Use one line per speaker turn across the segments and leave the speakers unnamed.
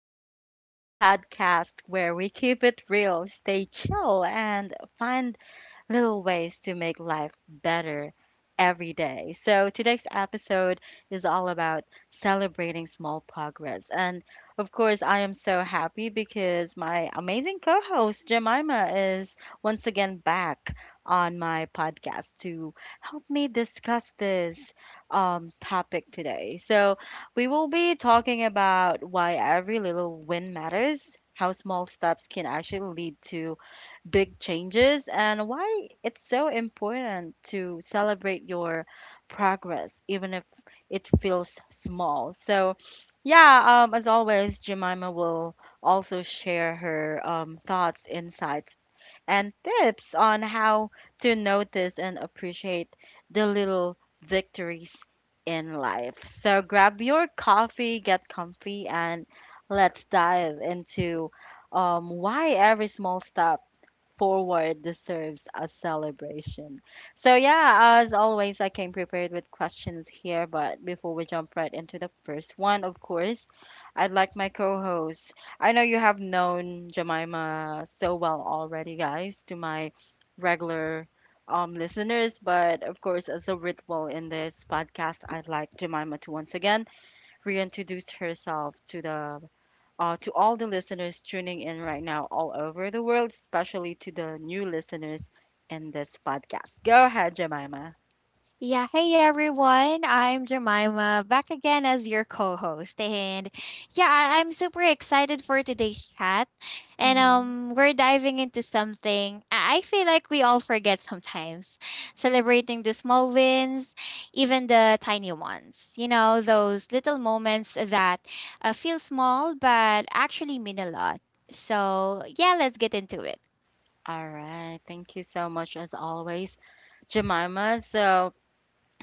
Queenie, the podcast where we keep it real, stay chill, and find little ways to make life better every day. So today's episode is all about celebrating small progress. And of course, I am so happy because my amazing co host, Jemima, is once again back on my podcast to help me discuss this topic today. So, we will be talking about why every little win matters, how small steps can actually lead to big changes and why it's so important to celebrate your progress, even if it feels small. So, yeah, as always, Jemima will also share her thoughts, insights, and tips on how to notice and appreciate the little victories in life. So, grab your coffee, get comfy, and let's dive into why every small step forward deserves a celebration. So, yeah, as always, I came prepared with questions here, but before we jump right into the first one, of course, I'd like my co host. I know you have known Jemima so well already, guys, to my regular listeners, but of course, as a ritual in this podcast, I'd like Jemima to once again reintroduce herself to the to all the listeners tuning in right now all over the world, especially to the new listeners in this podcast. Go ahead, Jemima.
Yeah, hey everyone. I'm Jemima, back again as your co-host. And yeah, I'm super excited for today's chat. And
Mhm.
we're diving into something I feel like we all forget sometimes. Celebrating the small wins, even the tiny ones. You know, those little moments that feel small but actually mean a lot. So, yeah, let's get into it.
All right. Thank you so much, as always, Jemima. So,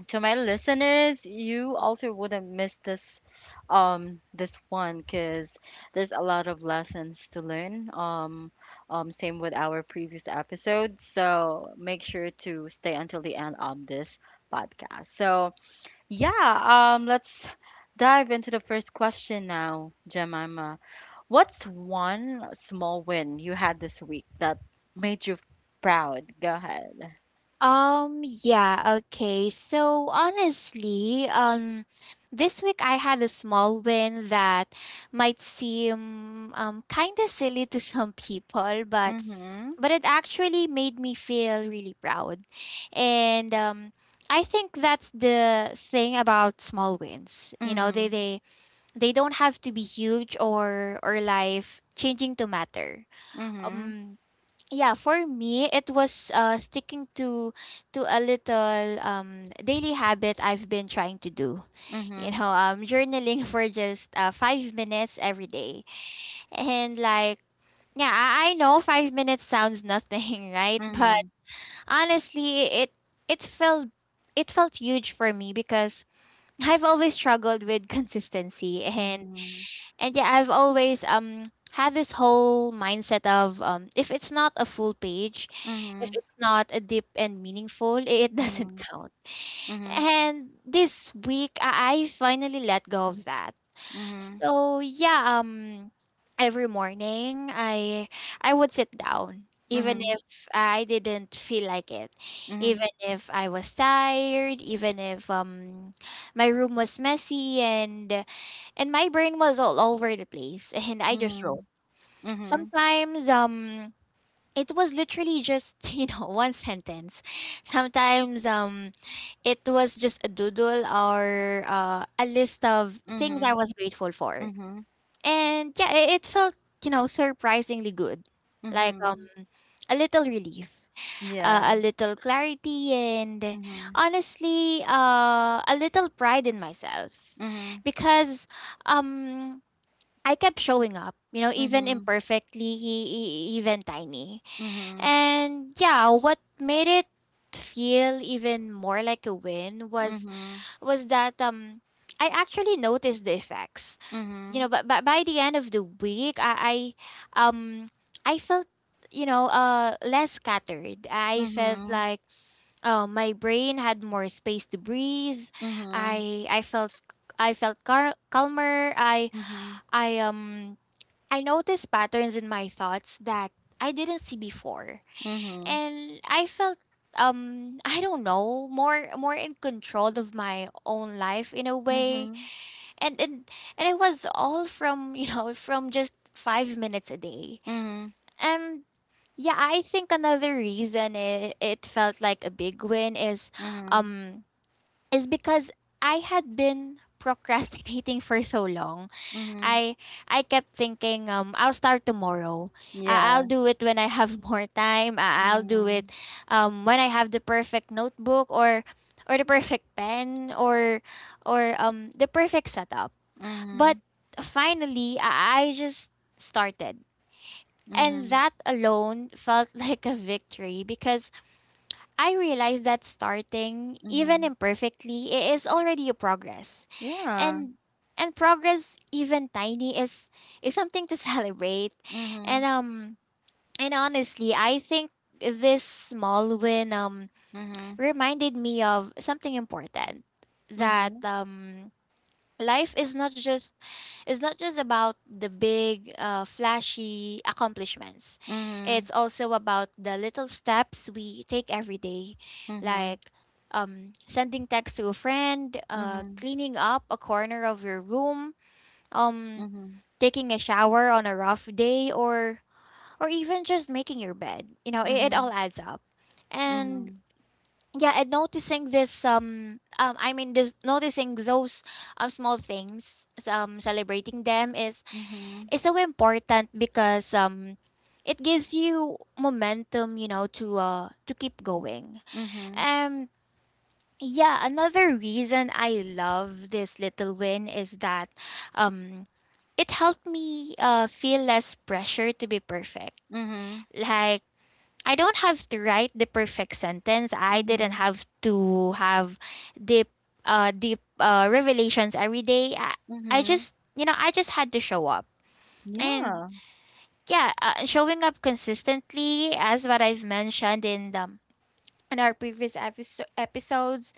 to my listeners, you also wouldn't miss this one because there's a lot of lessons to learn, same with our previous episode, so make sure to stay until the end of this podcast so yeah, let's dive into the first question now, Jemima. What's one small win you had this week that made you proud? Go ahead.
Yeah, okay. So honestly, this week I had a small win that might seem kind of silly to some people, but
Mm-hmm.
but it actually made me feel really proud. And I think that's the thing about small wins. You know, they
Mm-hmm.
they they don't have to be huge or life changing to matter.
Mm-hmm.
Um yeah, for me it was sticking to a little daily habit I've been trying to do, you
Mm-hmm.
know, journaling for just 5 minutes every day. And like yeah, I know 5 minutes sounds nothing right, but
Mm-hmm.
honestly it felt it felt huge for me because I've always struggled with consistency. And
Mm-hmm.
yeah, I've always had this whole mindset of, if it's not a full page, if
Mm-hmm.
it's not a deep and meaningful, it doesn't count.
Mm-hmm. Mm-hmm.
And this week I finally let go of that.
Mm-hmm.
So yeah, every morning I would sit down
Mm-hmm.
even
Mm-hmm.
if I didn't feel like it,
Mm-hmm.
even if I was tired, even if my room was messy and my brain was all over the place, and I just wrote.
Mm-hmm.
Sometimes it was literally just you know, one sentence. Sometimes it was just a doodle or a list of
Mm-hmm.
things I
Mm-hmm.
was grateful for. And yeah, it felt, you know, surprisingly good, like
Mm-hmm.
a little relief,
Yeah.
a little clarity, and
Mm-hmm.
honestly a little pride in myself,
Mm-hmm.
because um I kept showing up, you know, even
Mm-hmm.
imperfectly, even tiny.
Mm-hmm.
And yeah, what made it feel even more like a win was
Mm-hmm.
was that I actually noticed the effects. You
Mm-hmm.
know, but by the end of the week, I I felt, you know, less scattered. I felt
Mm-hmm.
like my brain had more space to breathe.
Mhm.
I I felt I felt calmer. I
Mhm.
I um I noticed patterns in my thoughts that I didn't see before.
Mhm.
And I felt, I don't know, more in control of my own life in a way.
Mhm.
And and and it was all from, you know, from just 5 minutes a day.
Mhm.
Um yeah, I think another reason it felt like a big win
Mhm.
um is because I had been procrastinating for so long.
Mhm.
I I kept thinking, I'll start tomorrow. I'll
Yeah.
do it when I have more time. I'll do it
Mhm.
when I have the perfect notebook, or the perfect pen, or the perfect setup. But
Mhm.
finally, I just started. And
Mhm.
that alone felt like a victory, because I realized that starting, even
Mhm.
imperfectly, is already a progress.
Yeah.
And progress, even tiny, is something to celebrate. And
Mhm.
honestly, I think this small win
Mhm.
reminded me of something important, that
Mhm.
life is not just about the big, flashy accomplishments.
Mhm.
It's also about the little steps we take every day,
Mhm.
like sending text to a friend,
Mhm. Mhm.
cleaning up a corner of your room, um,
Mhm.
taking a shower on a rough day, or even just making your bed. You know, it all
Mhm.
adds up. And
Mhm.
yeah, and noticing this I mean this noticing those small things, celebrating them is so important, because it gives you momentum, you know, to keep going.
Mhm.
um yeah, another reason I love this little win is that um it helped me feel less pressure to be perfect.
Mhm.
Like, I don't have to write the perfect sentence. I didn't
Mhm.
have to have deep deep revelations every day. I
Mhm.
just, you know, I just had to show up. And
Yeah.
yeah, showing up consistently, as what I've mentioned in the in our previous episodes,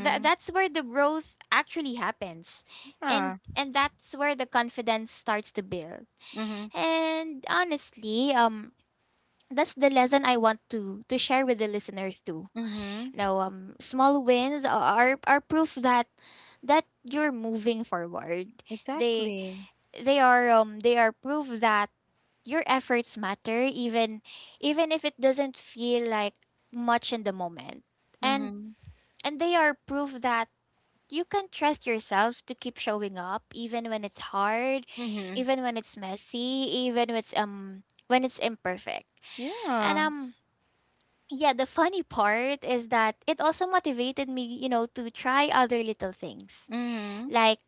that that's where the growth actually happens. and
Yeah.
and that's where the confidence starts to build.
Mhm.
And honestly, that's the lesson I want to share with the listeners too.
Mhm.
You know, small wins are proof that you're moving forward. They
Exactly.
they are, they are proof that your efforts matter, even if it doesn't feel like much in the moment. And
Mhm.
and they are proof that you can trust yourself to keep showing up, even when it's hard,
Mhm.
even when it's messy, even when it's imperfect. And
Yeah.
yeah, the funny part is that it also motivated me, you know, to try other little things.
Mhm.
Like,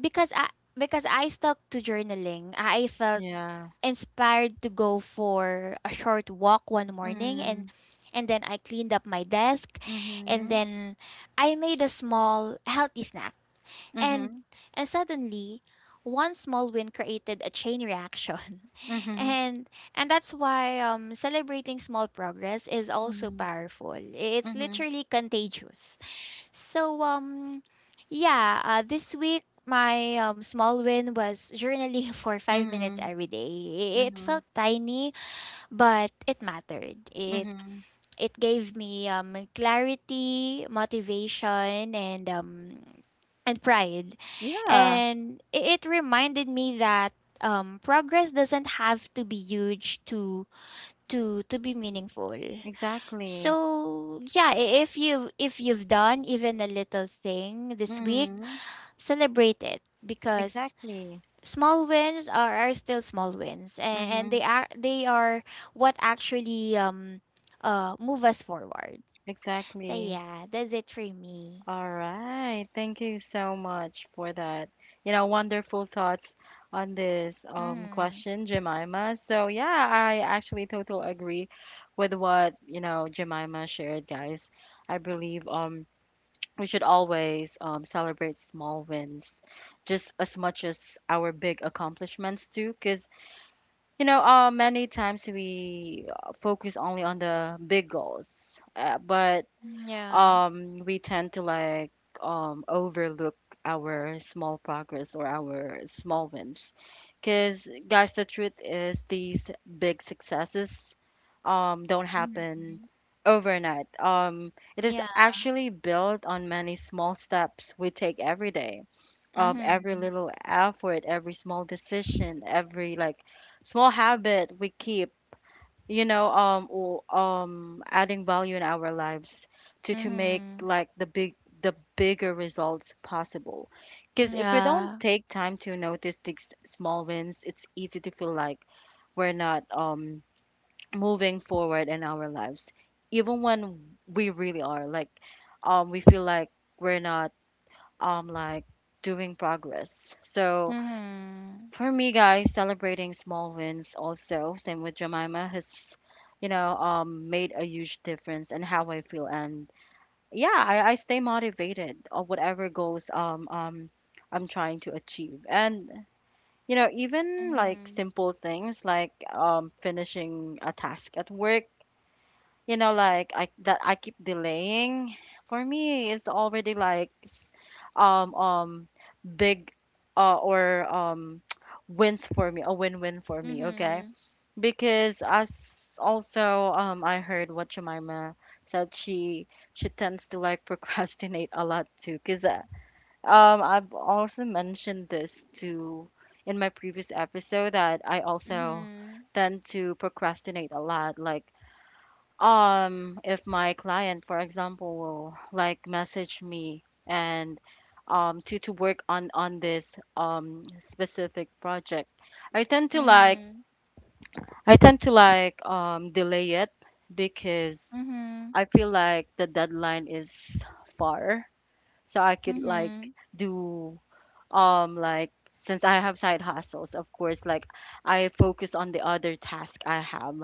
because I because I stuck to journaling, I felt
Yeah.
inspired to go for a short walk one morning, and
Mhm.
and then I cleaned up my desk, and
Mhm.
then I made a small healthy snack. And
Mhm.
and suddenly, one small win created a chain reaction.
Mhm.
And that's why celebrating small progress is also
Mhm.
powerful. It's
Mhm.
literally contagious. So yeah, this week my, small win was journaling for 5 minutes
Mhm.
every day. It
Mhm.
felt tiny, but it mattered. It
Mhm.
it gave me, clarity, motivation, and, pride.
Yeah,
And it reminded me that, progress doesn't have to be huge to be meaningful.
exactly.
So yeah, if you, if you've done even a little thing this week,
Mhm.
celebrate it, because
Exactly.
small wins are still small wins, and
Mhm.
they are, they are what actually move us forward. So
Exactly.
yeah, that's it for me.
All right. Thank you so much for that. You know, wonderful thoughts on this
Mhm.
question, Jemima. So, yeah, I actually totally agree with what, you know, Jemima shared, guys. I believe we should always, celebrate small wins just as much as our big accomplishments too because you know many times we, focus only on the big goals, but
Yeah.
we tend to like overlook our small progress or our small wins because, guys, the truth is these big successes don't happen
Mhm.
overnight. It is
Yeah.
actually built on many small steps we take every day. Every
Mhm.
little effort, every small decision, every like small habit we keep, you know, adding value in our lives to make
Mhm.
like the big the bigger results possible, because if we don't
Yeah.
take time to notice these small wins it's easy to feel like we're not moving forward in our lives, even when we really are. Like we feel like we're not like doing progress. So
Mhm.
for me, guys, celebrating small wins also, same with Jemima, has, you know, made a huge difference in how I feel. And yeah, I stay motivated of whatever goals I'm trying to achieve. And, you know, even like
Mhm.
simple things like, finishing a task at work, you know, like I that I keep delaying, for me it's already like um um big or wins for me, a win-win for me, okay,
Mhm.
because as also I heard what Jemima said, she tends to like procrastinate a lot too because, I've also mentioned this to in my previous episode that I also
Mhm.
tend to procrastinate a lot. Like, if my client, for example, will like message me and to work on this specific project, I tend to like
Mhm.
delay it because
Mhm.
I feel like the deadline is far, so I could like
Mhm.
do like since I have side hustles, of course, like I focus on the other task I have.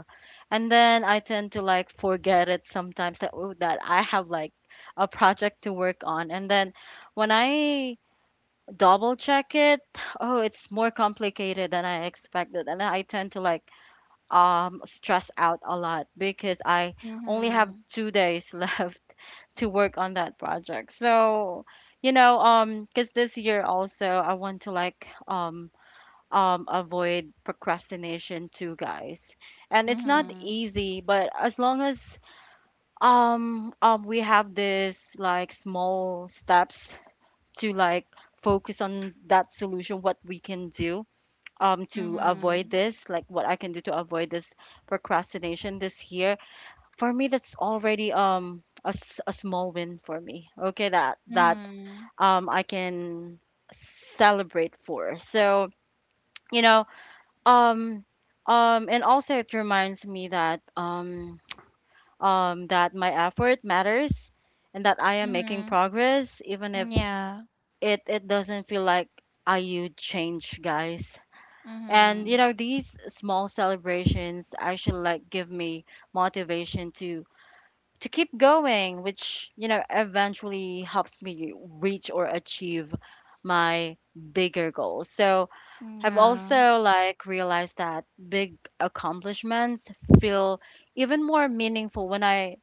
And then I tend to like forget it sometimes that, oh, that I have like a project to work on. And then when I double check it, oh, it's more complicated than I expected. And I tend to like stress out a lot because I only have
Mhm.
two days left to work on that project. So, you know, because this year also I want to like avoid procrastination too, guys. And it's not
Mhm.
easy, but as long as we have this like small steps to like focus on that solution, what we can do to avoid
Mhm.
this, like what I can do to avoid this procrastination this year, for me, that's already a small win for me. Okay, that
Mhm.
I can celebrate for. So, you know, um and also it reminds me that that my effort matters and that I am making
Mhm.
progress even if
Yeah.
it it doesn't feel like I huge change, guys. And you
Mhm.
know these small celebrations actually like give me motivation to keep going, which, you know, eventually helps me reach or achieve my bigger goals. So I've
Yeah.
also like realized that big accomplishments feel even more meaningful when I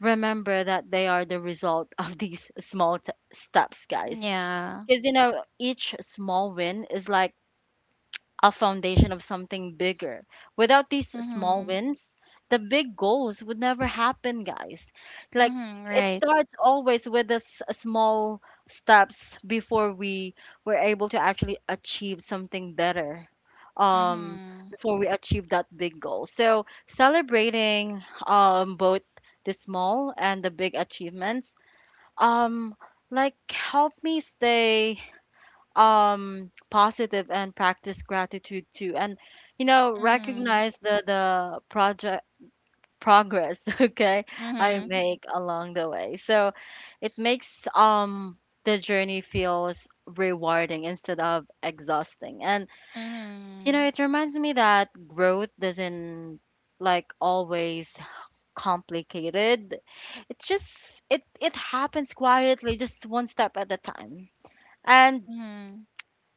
remember that they are the result of these steps, guys.
Yeah.
Because, you know, each small win is like a foundation of something bigger. Without these small
Mhm.
wins, the big goals would never happen, guys. Like
Mhm.
it
Right.
starts always with the small steps before we were able to actually achieve something better. Um,
Mhm.
Before we achieve that big goal. So celebrating both the small and the big achievements um like help me stay positive and practice gratitude too. And you know,
Mhm.
recognize the project progress okay I
Mhm.
make along the way, so it makes the journey feels rewarding instead of exhausting. And you know
Mhm.
it reminds me that growth doesn't like always complicated, it just it it happens quietly, just one step at a time. And
Mhm.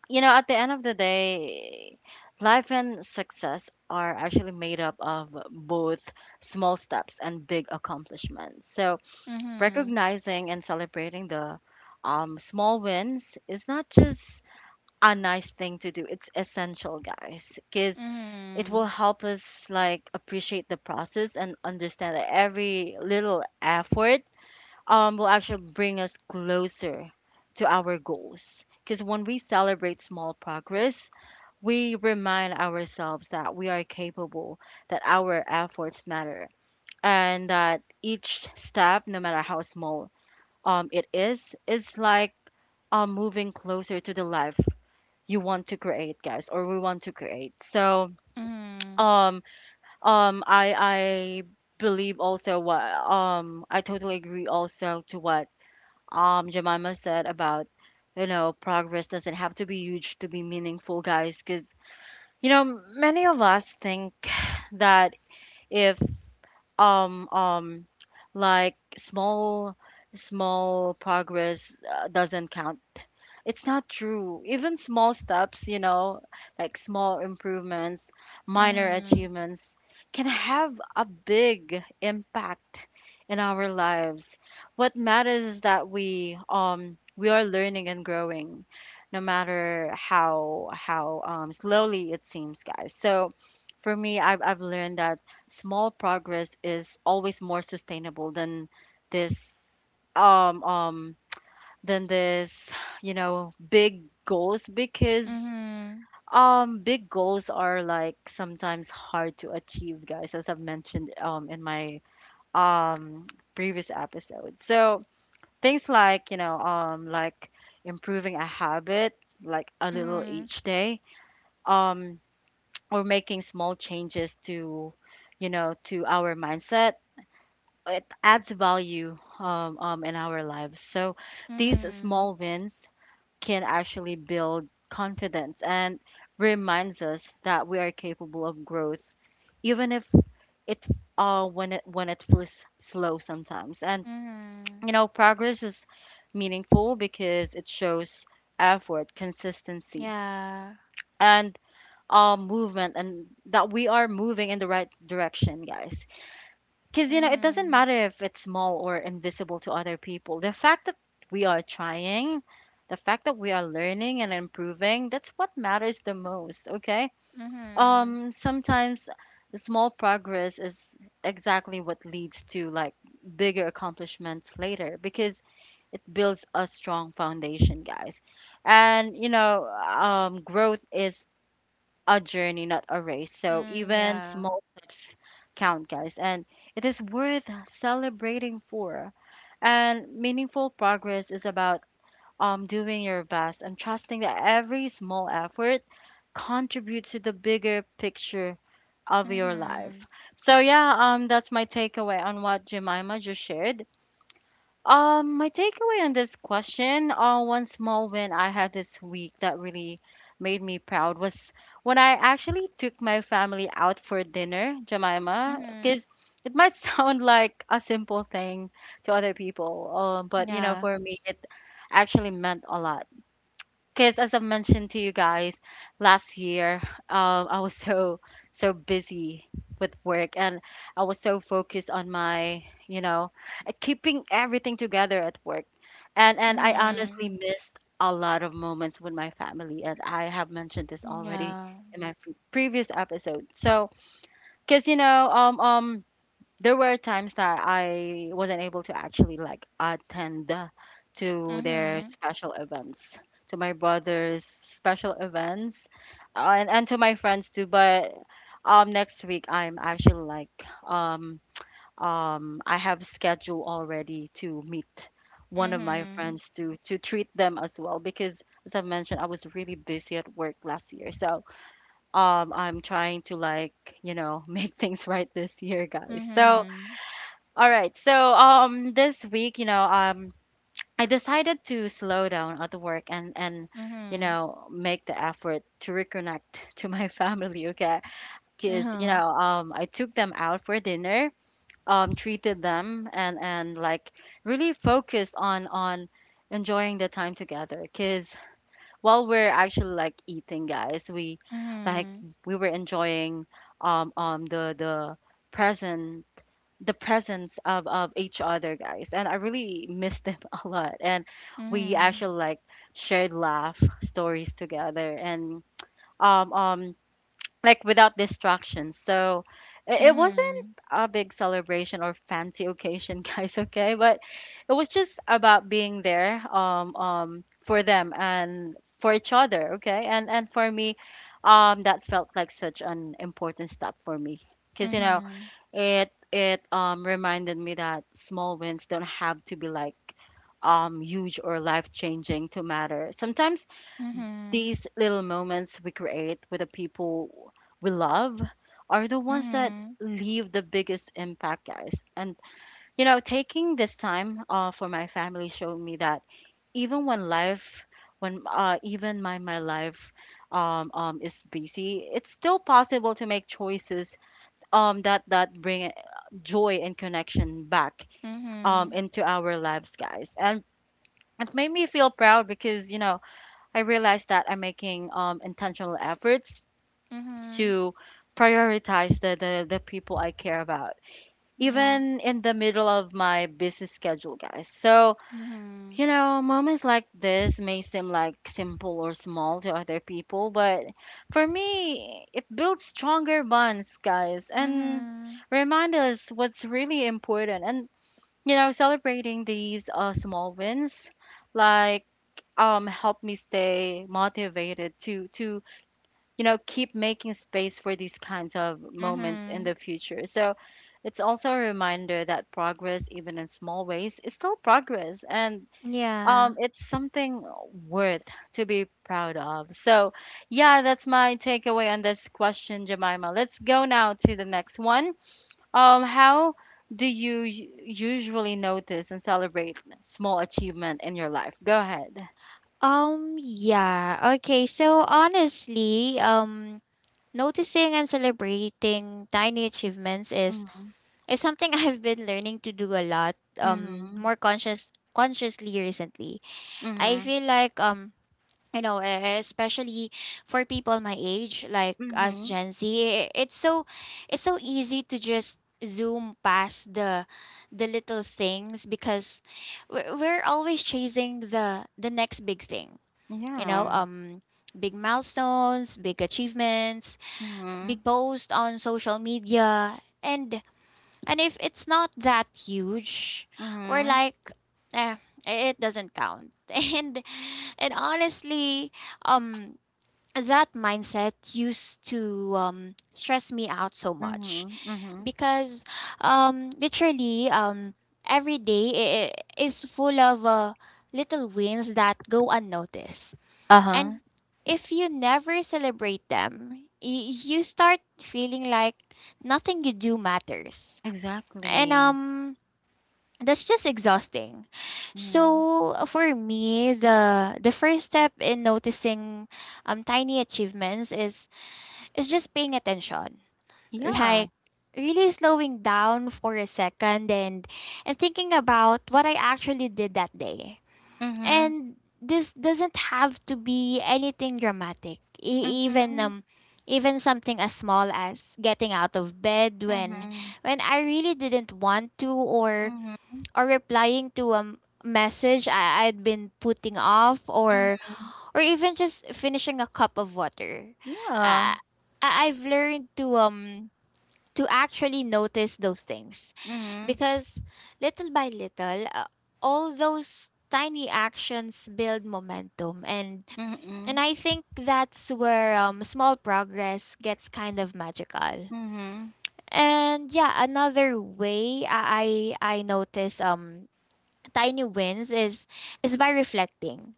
you know, at the end of the day, life and success are actually made up of both small steps and big accomplishments. So,
Mhm.
recognizing and celebrating the, small wins is not just a nice thing to do, it's essential, guys, because it will
Mhm.
help us like appreciate the process and understand that every little effort, will actually bring us closer to our goals. Because when we celebrate small progress, we remind ourselves that we are capable, that our efforts matter, and that each step, no matter how small, it is like, moving closer to the life you want to create, guys, or we want to create. So,
Mhm.
um, I believe also what, I totally agree also to what, Jemima said about, you know, progress doesn't have to be huge to be meaningful, guys, because. You know, many of us think that if um um like small progress, doesn't count, it's not true. Even small steps, you know, like small improvements, minor
Mhm.
achievements can have a big impact in our lives. What matters is that we are learning and growing, no matter how slowly it seems, guys. So for me, I've learned that small progress is always more sustainable this um um than this you know big goals, because
Mhm.
big goals are like sometimes hard to achieve, guys, as I've mentioned in my um previous episode. So things like, you know, like improving a habit like a little
Mhm.
each day, um or making small changes to, you know, to our mindset. It adds value, in our lives. So these
Mhm.
small wins can actually build confidence and reminds us that we are capable of growth, even if it, when it when it feels slow sometimes. And you
Mhm.
know, progress is meaningful because it shows effort, consistency,
Yeah.
and, movement, and that we are moving in the right direction, guys. Because, you know, it doesn't
Mhm.
matter if it's small or invisible to other people. The fact that we are trying, the fact that we are learning and improving, that's what matters the most, okay?
Mhm.
Sometimes small progress is exactly what leads to like bigger accomplishments later because it builds a strong foundation, guys. And, you know, growth is a journey, not a race. So
Mm,
even
yeah.
small steps count, guys, and it is worth celebrating for. And meaningful progress is about doing your best and trusting that every small effort contributes to the bigger picture of your life.
Mhm.
So yeah, that's my takeaway on what Jemima just shared. My takeaway on this question, one small win I had this week that really made me proud was when I actually took my family out for dinner, Jemima.
Mhm.
Because it might sound like a simple thing to other people, but you know,
Yeah.
for me, it actually meant a lot because as I mentioned to you guys last year, I was so busy with work, and I was so focused on my, you know, keeping everything together at work. And I honestly
Mhm.
missed a lot of moments with my family, and I have mentioned this already
Yeah.
in my previous episode. So, cuz you know, there were times that I wasn't able to actually like attend to their
Mhm.
special events, to my brother's special events, and to my friends too. But next week I'm actually like um I have schedule already to meet one of my
Mhm.
friends to treat them as well, because as I've mentioned, I was really busy at work last year. So I'm trying to like, you know, make things right this year, guys. So
Mhm.
all right. So this week, you know, I decided to slow down at work, and you
Mhm.
know, make the effort to reconnect to my family, okay? Cuz you
Uh-huh.
know, I took them out for dinner, treated them, and like really focus on enjoying the time together, cuz while we're actually like eating, guys, like
Mhm.
we were enjoying um um the the present the presence of each other, guys, and I really miss them a lot, and we
Mhm.
actually like shared laugh stories together, and um um like without distractions. So it wasn't
Mhm.
a big celebration or fancy occasion guys, okay, but it was just about being there, for them and for each other, okay, and for me, that felt like such an important step for me, because you know,
Mhm.
it reminded me that small wins don't have to be like huge or life changing to matter. Sometimes
Mhm.
these little moments we create with the people we love are the ones that
Mhm.
leave the biggest impact, guys. And you know, taking this time for my family showed me that even when life when even my my life is busy, it's still possible to make choices that bring joy and connection back
Mhm.
into our lives, guys, and it made me feel proud because you know I realized that I'm making intentional efforts
Mhm.
to prioritize the people I care about
Yeah.
even in the middle of my busy schedule, guys. So
Mhm.
you know, moments like this may seem like simple or small to other people, but for me, it builds stronger bonds, guys, and
Mhm.
remind us what's really important. And you know, celebrating these small wins, like help me stay motivated to you know keep making space for these kinds of moments in
Mhm.
the future. So it's also a reminder that progress, even in small ways, is still progress, and
Yeah.
it's something worth to be proud of. So, yeah, that's my takeaway on this question, Jemima. Let's go now to the next one. How do you usually notice and celebrate small achievement in your life? Go ahead.
Yeah. Okay, so honestly, noticing and celebrating tiny achievements
Mm-hmm.
is something I've been learning to do a lot,
Mm-hmm.
more consciously recently. I
Mm-hmm.
feel like you know, especially for people my age, like us
Mm-hmm.
Gen Z, it's so easy to just zoom past the little things, because we're always chasing the next big thing, you know,
Yeah.
big milestones, big achievements,
Mm-hmm.
big posts on social media, and if it's not that huge, we're
Mm-hmm.
like, eh, it doesn't count. And honestly, um, that mindset used to stress me out so much,
Mm-hmm. Mm-hmm.
because literally every day is full of, little wins that go unnoticed.
Uh-huh.
And if you never celebrate them, you start feeling like nothing you do matters, and
Exactly.
that's just exhausting.
Mm-hmm.
So, for me, the first step in noticing tiny achievements is just paying attention.
Yeah.
Like, really slowing down for a second and thinking about what I actually did that day.
Mm-hmm.
And this doesn't have to be anything dramatic. Even
Mm-hmm.
something as small as getting out of bed when
Mm-hmm.
I really didn't want to,
Mm-hmm.
or replying to a message I'd been putting off,
Mm,
or even just finishing a cup of water.
yeah.
Uh, I've learned to actually notice those things,
Mhm,
because little by little, all those tiny actions build momentum. And
mhm,
I think that's where small progress gets kind of magical.
mhm,
And yeah, another way I notice tiny wins is by reflecting.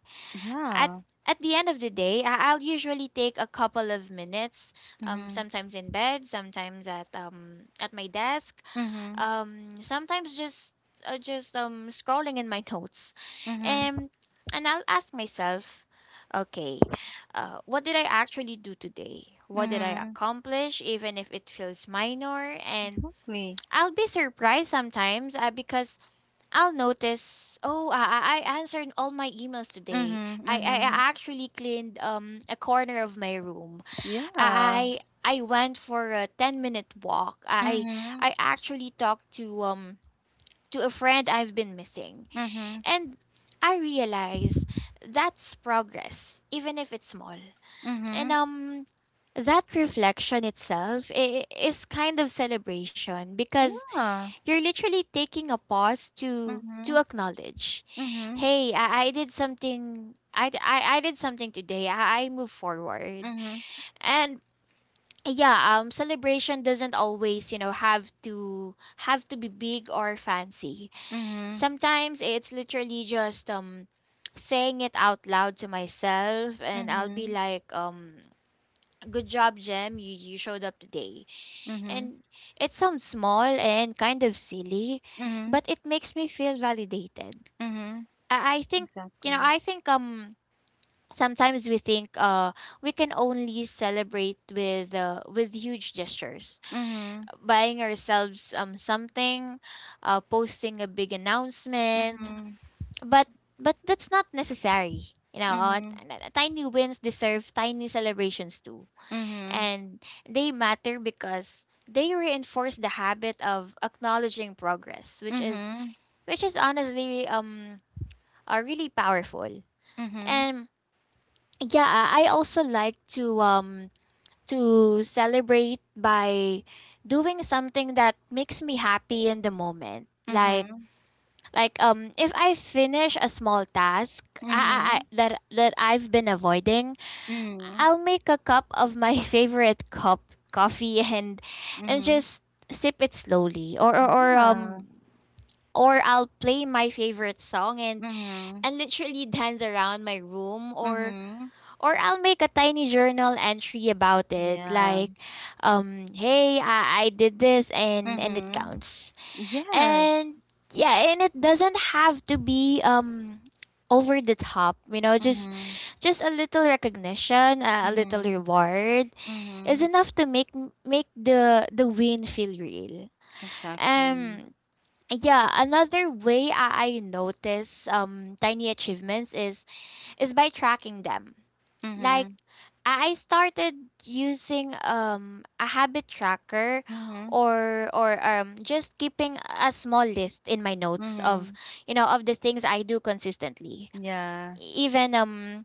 At
yeah.
at the end of the day, I'll usually take a couple of minutes,
Mhm,
sometimes in bed, sometimes at my desk,
mhm,
sometimes just, scrolling in my notes,
mhm,
and I'll ask myself, okay, what did I actually do today? What did I
mhm,
accomplish, even if it feels minor? And
exactly.
I'll be surprised sometimes, because I'll notice. Oh, I answered all my emails today.
Mhm, mhm,
I actually cleaned a corner of my room.
yeah.
I went for a 10 minute walk.
Mhm,
I actually talked to a friend I've been missing,
mhm,
and I realize that's progress, even if it's small. And
mhm,
that reflection itself is kind of celebration, because
yeah.
you're literally taking a pause to
Mhm,
acknowledge,
mhm,
hey, I did something. I did something today. I move forward,
mhm,
and yeah, celebration doesn't always have to be big or fancy.
mhm,
Sometimes it's literally just saying it out loud to myself, and I'll be
mhm,
like. Good job, Jem. You showed up today.
mhm,
And it sounds small and kind of silly,
mhm,
but it makes me feel validated.
mhm,
I think, you know,
exactly.
I think um sometimes we think we can only celebrate with huge gestures.
Mhm,
Buying ourselves something, posting a big announcement,
mhm,
but but that's not necessary. You know, uh,
mhm,
t- Tiny wins deserve tiny celebrations too,
mhm,
and they matter because they reinforce the habit of acknowledging progress,
mhm,
which is
mhm,
which is honestly are really powerful. And yeah, I also like to celebrate by doing something that makes me happy in the moment,
mhm,
like
mhm,
if I finish a small task, I that I've been avoiding. I'll make a cup of my favorite cup coffee, and
mhm,
just sip it slowly,
mhm, yeah.
or I'll play my favorite song and
Mhm.
and literally dance around my room, or
Mhm.
or I'll make a tiny journal entry about it,
Yeah.
like hey, I did this, and it
Mhm.
counts.
Yes.
And yeah, and it doesn't have to be over the top, just
Mhm.
a little recognition, a little
Mhm.
reward, is
Mhm.
enough to make the win feel real.
Exactly.
Um yeah, another way I notice tiny achievements is by tracking them. Like,
Mhm.
I started using a habit tracker,
Mhm.
or just keeping a small list in my notes of
Mhm.
the things I do consistently.
Yeah.
E-, Even um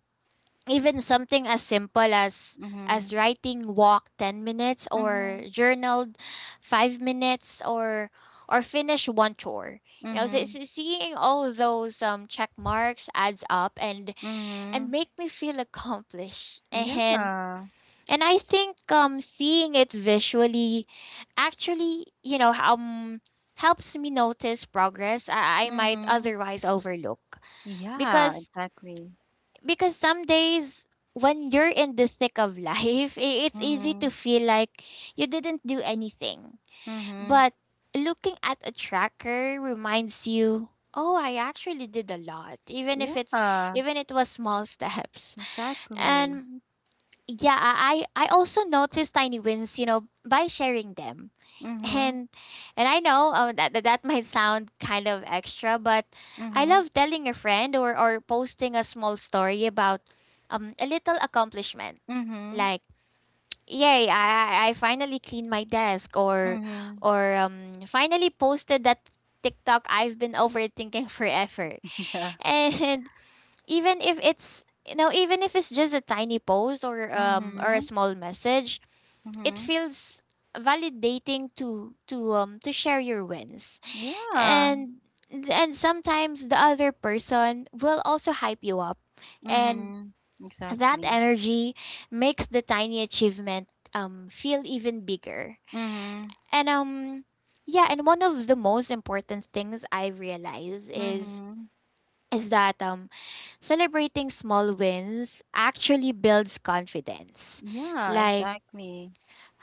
even something as simple as
Mhm.
writing walk 10 minutes, or
Mhm.
journaled 5 minutes, or finish one chore, so
Mhm.
seeing all those check marks adds up, and
Mhm.
make me feel accomplished. and
Yeah.
and I think seeing it visually actually, helps me notice progress I might
Mhm.
otherwise overlook,
Yeah.
because
Exactly.
because some days when you're in the thick of life, it's easy to
Mhm.
feel like you didn't do anything.
Mhm.
But looking at a tracker reminds you, oh, I actually did a lot, even if it's
Yeah.
even it was small steps.
Exactly.
And yeah, I also noticed tiny wins, by sharing them,
Mhm.
and and I know, that might sound kind of extra, but I
Mhm.
love telling a friend or posting a small story about a little accomplishment.
Mhm.
Like, yay, I finally cleaned my desk, or
Mhm.
or um finally posted that TikTok I've been overthinking forever.
Yeah.
And even if it's just a tiny post or a
Mhm.
small message, it
Mhm.
feels validating to share your wins,
Yeah.
and and sometimes the other person will also hype you up, and
Mhm.
that
Exactly.
energy makes the tiny achievement feel even bigger.
Mhm.
And um yeah and one of the most important things I've realized is
Mhm.
is that celebrating small wins actually builds confidence.
Yeah,
Like,
exactly.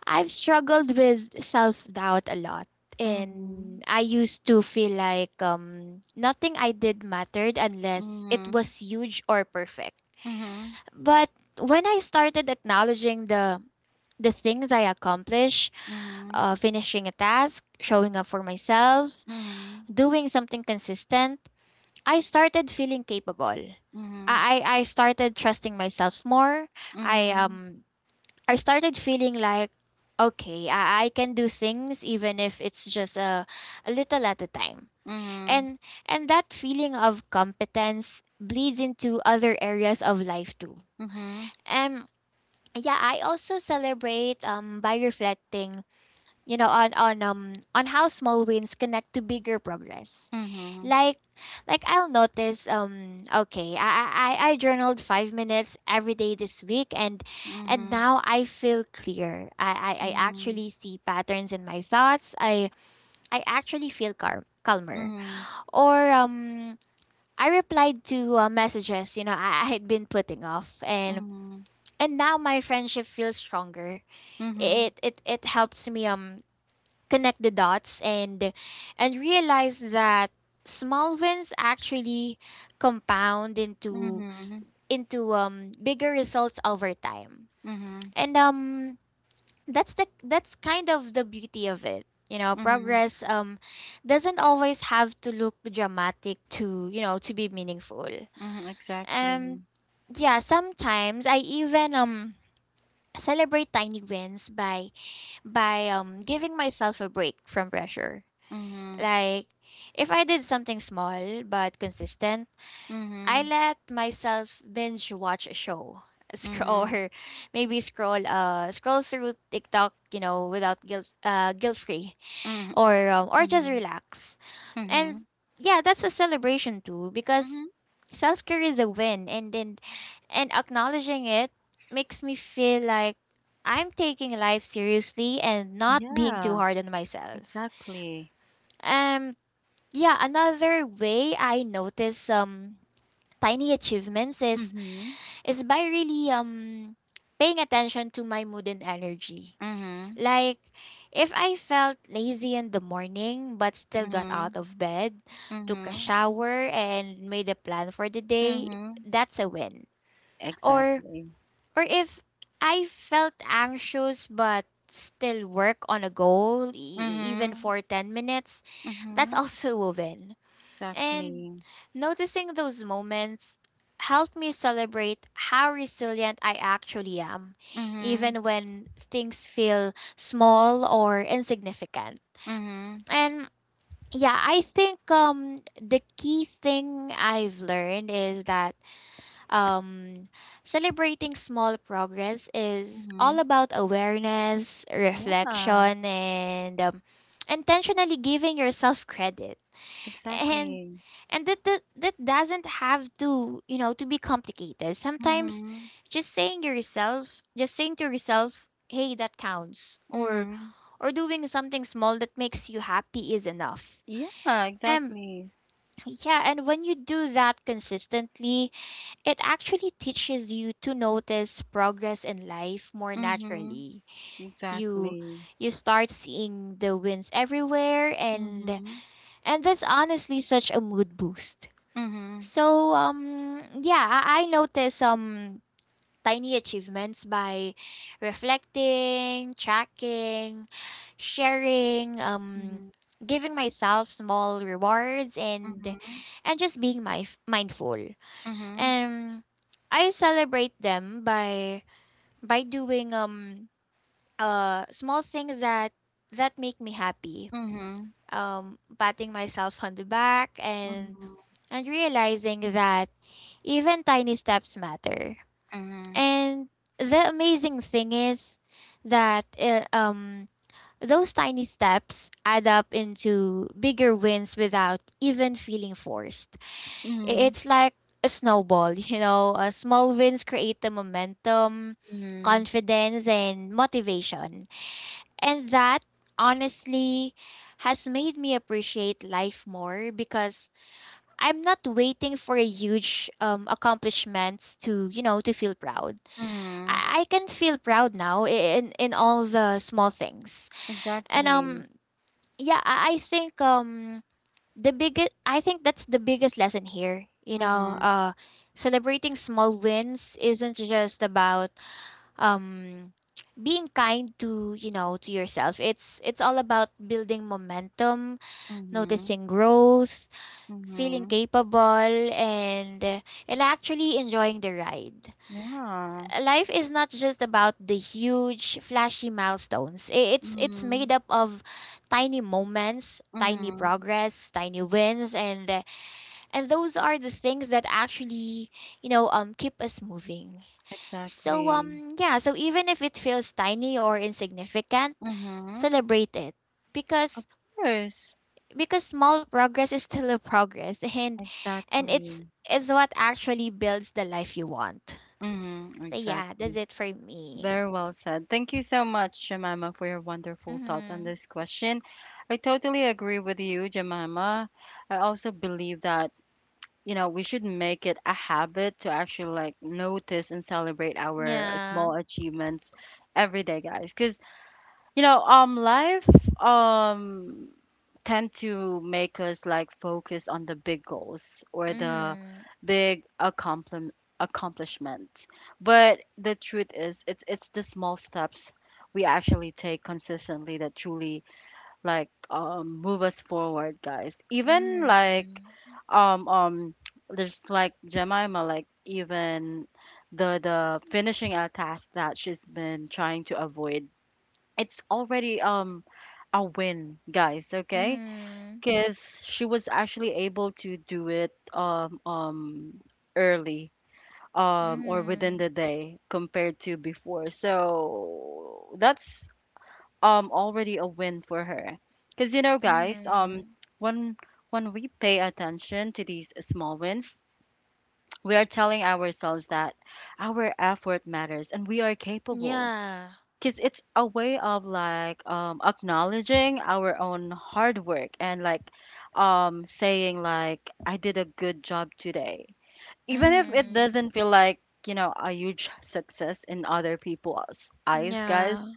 I've struggled with self doubt a lot. And
Mhm.
I used to feel like nothing I did mattered unless it
Mhm.
was huge or perfect.
Mhm.
But when I started acknowledging the things I accomplish,
Mhm.
finishing a task, showing up for myself,
Mhm.
doing something consistent, I started feeling capable.
Mhm.
I started trusting myself more. I
Mhm.
um I started feeling like, okay, I can do things even if it's just a little at a time. And and that feeling of competence bleeds into other areas of life too.
Mhm.
And yeah, I also celebrate by reflecting, you know, on how small wins connect to bigger progress.
Mhm.
Like like I'll notice, okay, I journaled 5 minutes every day this week, and
Mhm.
now I feel clear. I
Mhm.
actually see patterns in my thoughts. I actually feel calm, calmer.
Mhm.
Or I replied to messages, I had been putting off, and
Mhm.
and now my friendship feels stronger.
Mhm.
It helps me connect the dots, and realize that small wins actually compound into
Mhm. Mhm.
into um bigger results over time.
Mhm.
And that's kind of the beauty of it. You know,
Mhm.
progress doesn't always have to look dramatic to be meaningful.
Mhm.
um
Exactly.
yeah, sometimes I even celebrate tiny wins by giving myself a break from pressure.
Mhm.
Like, if I did something small but consistent, I
Mhm.
let myself binge watch a show, scroll,
Mhm.
or maybe scroll through TikTok, you know, without guilt, guilt free,
Mhm.
or just
Mhm.
relax. And
Mhm.
yeah, that's a celebration too because
Mhm.
self care is a win, and acknowledging it makes me feel like I'm taking life seriously and not being too
Yeah,
hard on myself.
exactly.
Um yeah, another way I notice tiny achievements is
Mhm.
is by really paying attention to my mood and energy.
Mhm.
Like, if I felt lazy in the morning but still got out
Mhm,
of bed, took a
mhm,
shower, and made a plan for the day,
mhm.
that's a win. Or
Exactly.
or if I felt anxious but still work on a goal, even
Mhm,
for 10 minutes, that's
mhm.
also a win. And
Exactly.
noticing those moments helped me celebrate how resilient I actually am,
Mhm,
even when things feel small or insignificant.
mhm,
And yeah, I think the key thing I've learned is that um celebrating small progress is all
mhm.
about awareness,
Yeah,
reflection, and intentionally giving yourself credit. and
exactly.
and that doesn't have to be complicated. Sometimes
Mhm,
just saying to yourself, hey, that counts, or
mhm.
or doing something small that makes you happy is enough.
Yeah,
um
exactly.
yeah, and when you do that consistently, it actually teaches you to notice progress in life more
Mhm,
naturally. you
exactly.
you start seeing the wins everywhere, and
Mhm,
and that's honestly such a mood boost.
mhm,
So yeah, I noticed some tiny achievements by reflecting, tracking, sharing,
mhm,
giving myself small rewards, and
mhm,
and just being my mindful.
mhm,
And I celebrate them by doing small things that make me happy.
mhm,
Patting myself on the back, and
mhm,
and realizing that even tiny steps matter.
mhm,
And the amazing thing is that those tiny steps add up into bigger wins without even feeling forced.
mhm,
It's like a snowball, you know, small wins create the momentum,
mhm,
confidence and motivation. And that honestly has made me appreciate life more because I'm not waiting for huge accomplishments to feel proud.
mhm.
I can feel proud now in all the small things. And
Exactly.
um yeah, I think that's the biggest lesson here. You know,
Mhm,
celebrating small wins isn't just about um being kind to you know to yourself. It's all about building momentum,
mhm,
noticing growth, feeling
mhm.
capable, and and actually enjoying the ride.
Yeah.
Life is not just about the huge flashy milestones. It's made
Mm,
up of tiny moments, tiny
mhm,
progress, tiny wins, and those are the things that actually, you know, keep us moving. So
exactly.
yeah, so even if it feels tiny or insignificant,
Mhm,
celebrate it
of
because
course.
because small progress is still a progress, and it's
Exactly.
is what actually builds the life you want.
Mhm,
So yeah, that's
exactly.
it for me.
Very well said. Thank you so much, Jemima, for your wonderful thoughts on
Mhm.
this question. I totally agree with you, Jemima. I also believe that, you know, we should make it a habit to actually like notice and celebrate our
Yeah.
small achievements every day, guys. Because, you know, life, um, tend to make us like focus on the big goals or the
Mhm.
big accomplishments. But the truth is, it's the small steps we actually take consistently that truly like move us forward, guys. Even like
Mhm.
um um there's like Jemima, like even the finishing a task that she's been trying to avoid. It's already a win, guys. Okay,
Mhm.
because she was actually able to do it early or within
Mhm.
the day compared to before, so that's already a win for her, because you know, guys,
Mhm.
when when we pay attention to these small wins, we are telling ourselves that our effort matters and we are capable,
Yeah.
because it's a way of like acknowledging our own hard work and like saying like I did a good job today, even if it
Mhm.
doesn't feel like you know a huge success in other people's eyes, guys.
Yeah.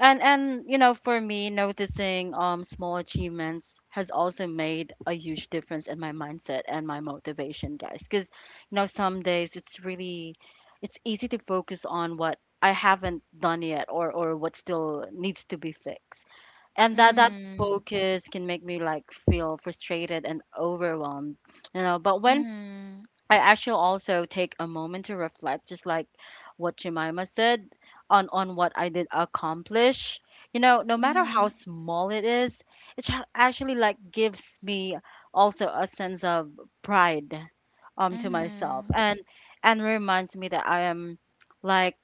And you know, for me, noticing small achievements has also made a huge difference in my mindset and my motivation, guys. Cuz you know, some days it's easy to focus on what I haven't done yet, or what still needs to be fixed. And that
Mhm.
focus can make me like feel frustrated and overwhelmed, you know. But when
Mhm.
I actually also take a moment to reflect, just like what Jemima said, on what I did accomplish. You know, no matter how small it is, actually like gives me also a sense of pride, to myself,
Mhm.
and reminds me that I am like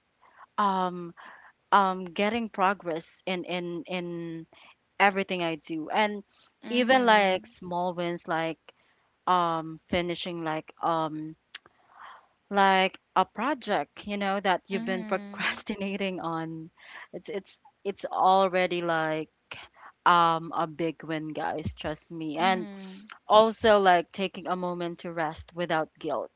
um getting progress in everything I do, and even like
Mhm.
small wins, like finishing like a project you know that you've been
Mhm.
procrastinating on, it's already like a big win, guys, trust me. And
Mhm.
also like taking a moment to rest without guilt,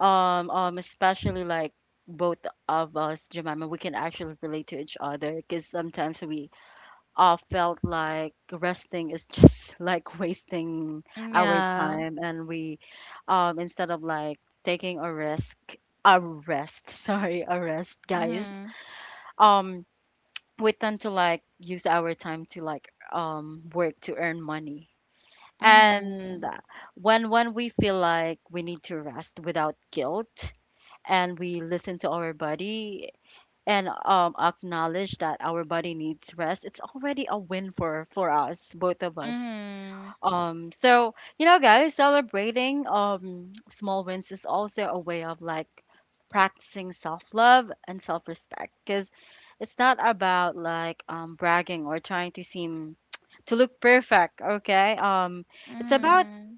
especially like both of us, Jemima, we can actually relate to each other, because sometimes we felt like resting is just like wasting
Mhm.
our
Yeah.
time, and we, instead of like taking a risk a rest, sorry, a rest, guys,
Mhm.
um we tend to like use our time to like work to earn money. And
Mhm.
when we feel like we need to rest without guilt, and we listen to our body, and acknowledge that our body needs rest, it's already a win for us, both of us.
Mhm.
So you know, guys, celebrating small wins is also a way of like practicing self love and self respect, because it's not about like bragging or trying to seem to look perfect. Okay, it's about
Mhm.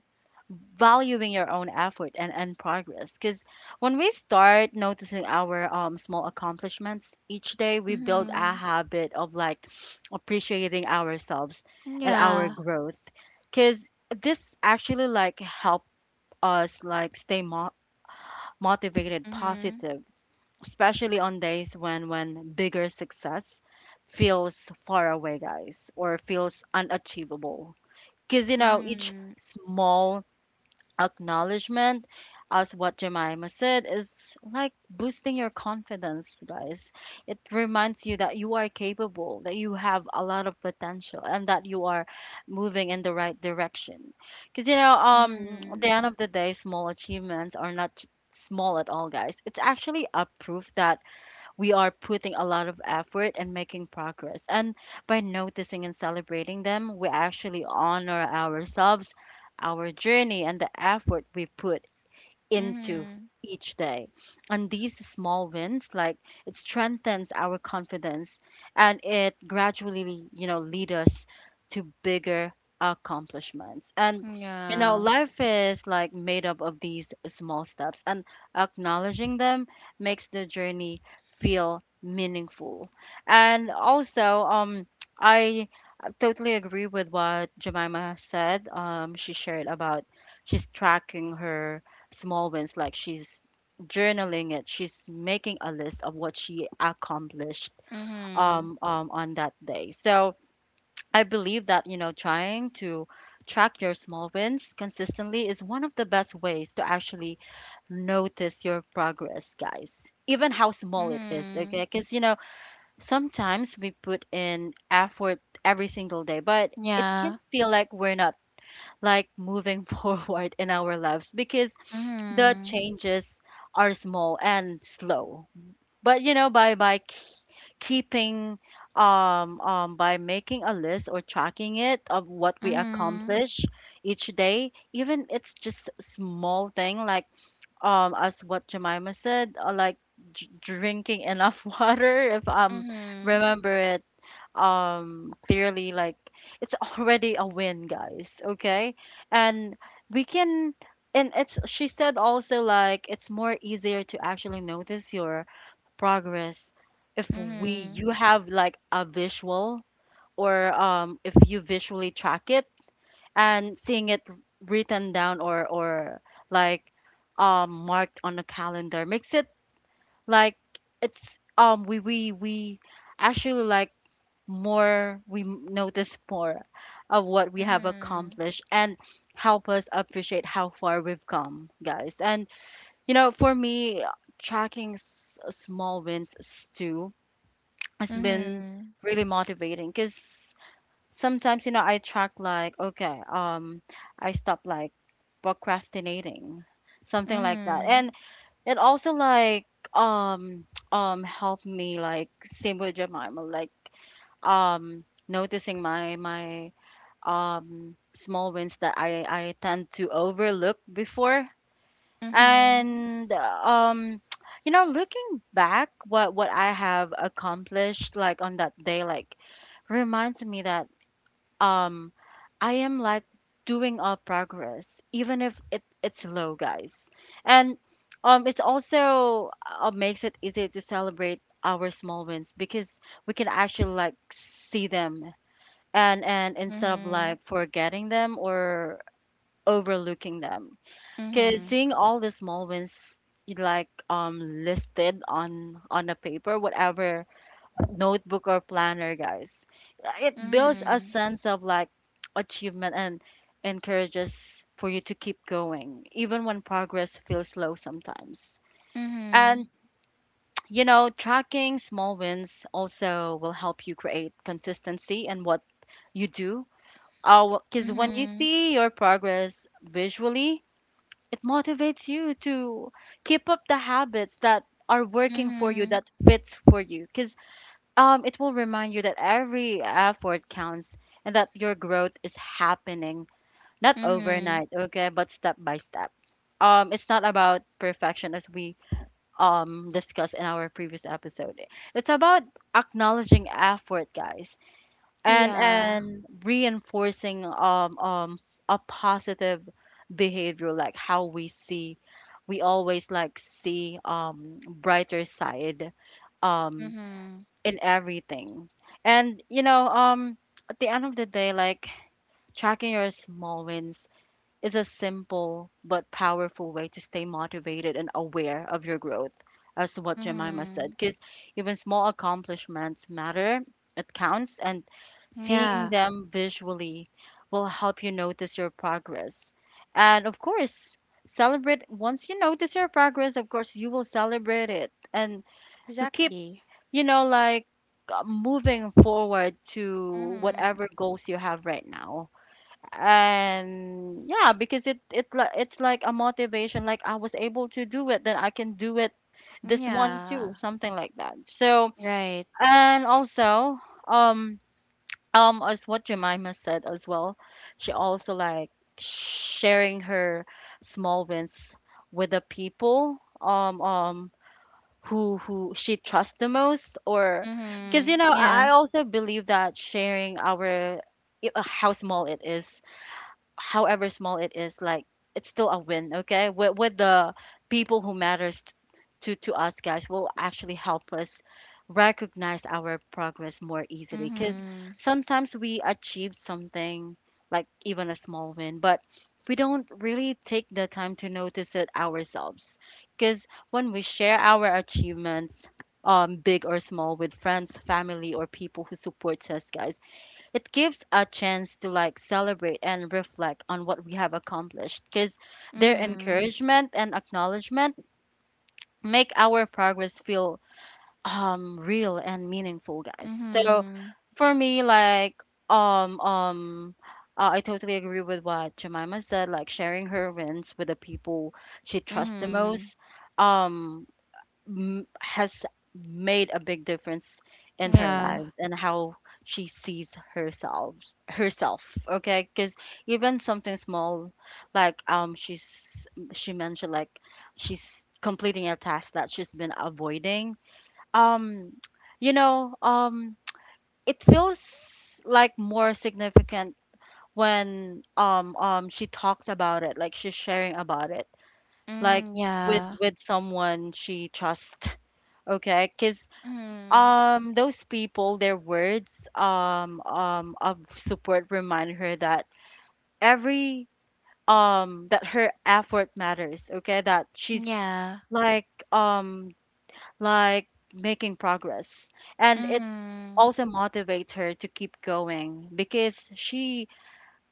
valuing your own effort and progress. Because when we start noticing our small accomplishments each day, we build a
Mhm.
habit of like appreciating ourselves and our
Yeah.
growth. Because this actually like help us like stay motivated,
Mhm.
positive, especially on days when bigger success feels far away, guys, or feels unachievable. Because you know, each
Mhm.
small acknowledgement, as what Jemima said, is like boosting your confidence, guys. It reminds you that you are capable, that you have a lot of potential, and that you are moving in the right direction, because you know, at
Mhm.
the end of the day, small achievements are not small at all, guys. It's actually a proof that we are putting a lot of effort and making progress. And by noticing and celebrating them, we actually honor ourselves, our journey, and the effort we put into
Mhm.
each day. And these small wins, like, it strengthens our confidence, and it gradually, you know, lead us to bigger accomplishments. And you know,
Yeah.
life is like made up of these small steps, and acknowledging them makes the journey feel meaningful. And also, I totally agree with what Jemima said. She shared about she's tracking her small wins, like she's journaling it, she's making a list of what she accomplished
Mhm.
on that day. So I believe that, you know, trying to track your small wins consistently is one of the best ways to actually notice your progress, guys, even how small it is,
Mhm.
okay? Because, you know, sometimes we put in effort every single day but it can
Yeah.
feel like we're not like moving forward in our lives because the
Mhm.
changes are small and slow. But, you know, by keeping by making a list or tracking it of what we
Mhm.
accomplish each day, even it's just small thing, like as what jemima said, like drinking enough water, if
Mhm.
remember it clearly, like it's already a win, guys, okay. And we can, and it's she said also, like it's more easier to actually notice your progress if we you have like a visual, or if you visually track it and seeing it written down or like marked on a calendar makes it like it's we actually like more we notice more of what we have
Mhm.
accomplished and help us appreciate how far we've come, guys. And, you know, for me, tracking small wins too has been
Mhm.
really motivating because sometimes, you know, I track like, okay, I stop like procrastinating, something like that. And it also, like, um helped me, like same with Jemima, like noticing my small wins that I tend to overlook before.
Mhm. Mhm.
And you know, looking back what I have accomplished like on that day, like reminds me that um I am like doing a progress even if it's slow, guys. And it's also, makes it easy to celebrate our small wins because we can actually like see them, and instead of like forgetting them or overlooking them.
Mhm.
Because
Mhm.
seeing all the small wins you like listed on a paper, whatever notebook or planner, guys, it builds a
Mhm.
sense of like achievement and encourages for you to keep going even when progress feels slow sometimes.
Mhm.
And, you know, tracking small wins also will help you create consistency in what you do. Oh,
Mhm.
because when you
Mhm.
see your progress visually, it motivates you to keep up the habits that are working for you,
Mhm.
that fits for you. Because it will remind you that every effort counts and that your growth is happening, not
Mhm.
overnight, okay, but step by step. It's not about perfection, as we discussed in our previous episode. It's about acknowledging effort, guys, and
Yeah.
and reinforcing a positive behavior, like how we see, we always like see brighter side um
Mhm.
in everything. And you know, at the end of the day, like tracking your small wins is a simple but powerful way to stay motivated and aware of your growth, as to what Jemima said.
Mhm.
Because even small accomplishments matter, it counts, and seeing
Yeah.
them visually will help you notice your progress. And of course, celebrate once you notice your progress, of course, you will celebrate it and you keep,
Exactly.
you know, like, moving forward to
Mhm.
whatever goals you have right now. And yeah, because it's like a motivation, like I was able to do it, then I can do it this one too,
Yeah.
something like that. So,
Right.
and also, um as what Jemima said as well, she also like sharing her small wins with the people who she trusts the most, or because, you
Mhm.
know, I
Yeah.
also believe that sharing our how small it is, however small it is, like it's still a win, okay? With the people who matters to us, guys, will actually help us recognize our progress more easily. Because
Mhm.
sometimes we achieve something, like even a small win, but we don't really take the time to notice it ourselves. Because when we share our achievements, big or small, with friends, family, or people who supports us, guys, it gives a chance to like celebrate and reflect on what we have accomplished. Because their
Mhm.
encouragement and acknowledgement make our progress feel real and meaningful, guys. So,
Mhm.
for me, like, um um I totally agree with what Jemima said, like sharing her wins with the people she trusts the
Mhm.
most, um has made a big difference in her
Yeah.
life and how she sees herself, okay? Because even something small, like, she mentioned, like she's completing a task that she's been avoiding, um you know, it feels like more significant when she talks about it, like she's sharing about it, like
Mm,
with
yeah.
someone she trusts, okay? Because
Mhm.
those people, their words of support remind her that every that her effort matters, okay, that she's
Yeah.
like um like making progress. And it
Mhm.
also motivates her to keep going because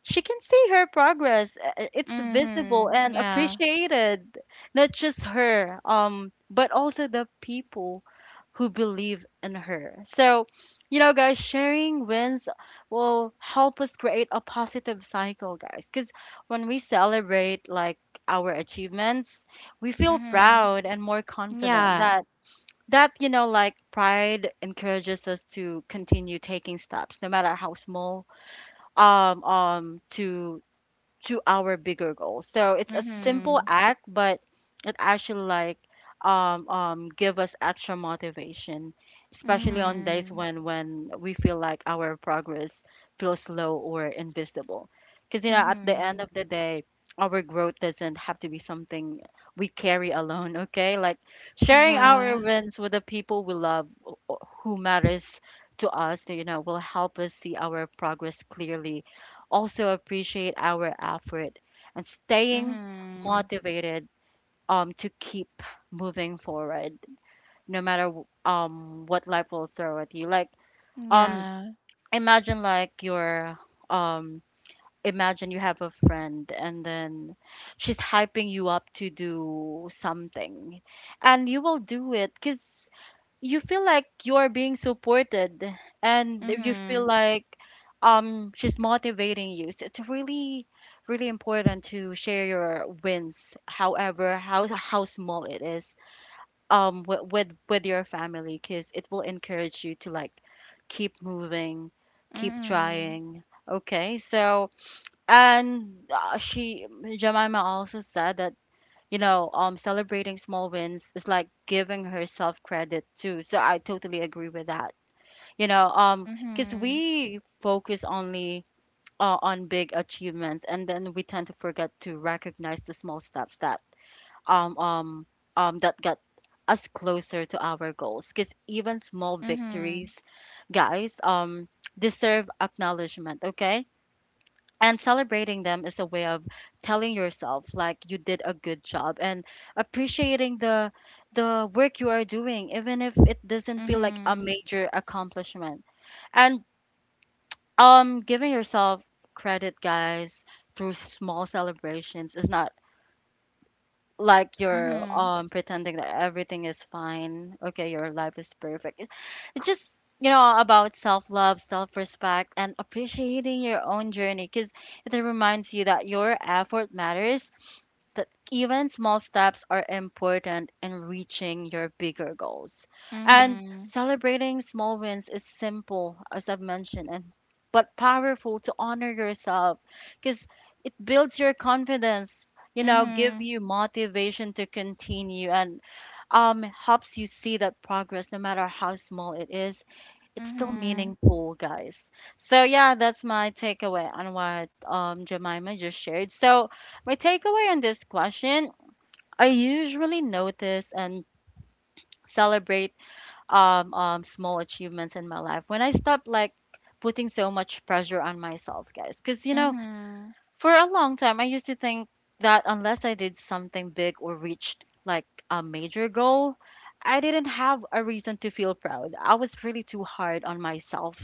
she can see her progress. It's visible
Mhm.
and
Yeah.
appreciated. Not just her, but also the people who believe in her. So, you know, guys, sharing wins will help us create a positive cycle, guys. Because when we celebrate like our achievements, we feel
Mhm.
proud and more confident,
Yeah.
that you know, like pride encourages us to continue taking steps no matter how small, um um to to our bigger goals. So it's a simple
Mhm.
act, but it actually like, give us extra motivation, especially on days
Mhm.
when we feel like our progress feels slow or invisible. Because you know, at the end of
Mhm.
the day, our growth doesn't have to be something we carry alone. Okay, like sharing
Yeah.
our wins with the people we love, who matters to us, you know, will help us see our progress clearly, also appreciate our effort and staying
Mhm.
motivated, to keep moving forward no matter what life will throw at you. Like, um,
Yeah.
imagine like your um, imagine you have a friend and then she's hyping you up to do something, and you will do it because you feel like you are being supported, and you feel
Mhm.
like she's motivating you. So it's really really important to share your wins, however how small it is, with with your family, because it will encourage you to like keep moving, keep
Mhm.
trying, okay. So, and she Jemima also said that, you know, celebrating small wins is like giving herself credit too. So I totally agree with that. You know, because
Mhm.
we focus only on big achievements, and then we tend to forget to recognize the small steps um um that got us closer to our goals. Because even small
Mhm.
victories, guys, deserve acknowledgement. Okay, and celebrating them is a way of telling yourself like you did a good job and appreciating the work you are doing even if it doesn't feel like a
Mhm.
major accomplishment. And giving yourself credit, guys, through small celebrations is not like you're
Mhm.
pretending that everything is fine, okay, your life is perfect. It's just, you know, about self-love, self-respect, and appreciating your own journey, because it reminds you that your effort matters, that even small steps are important in reaching your bigger goals. And
Mhm.
celebrating small wins is simple, as I've mentioned, and but powerful to honor yourself because it builds your confidence, you know, give
Mhm.
you motivation to continue, and helps you see that progress no matter how small it's still
Mhm.
meaningful, guys. So yeah, that's my takeaway on what Jemima just shared. So my takeaway on this question, I usually notice and celebrate small achievements in my life when I stop like putting so much pressure on myself, guys. Because you know,
Mhm.
for a long time, I used to think that unless I did something big or reached like a major goal, I didn't have a reason to feel proud. I was really too hard on myself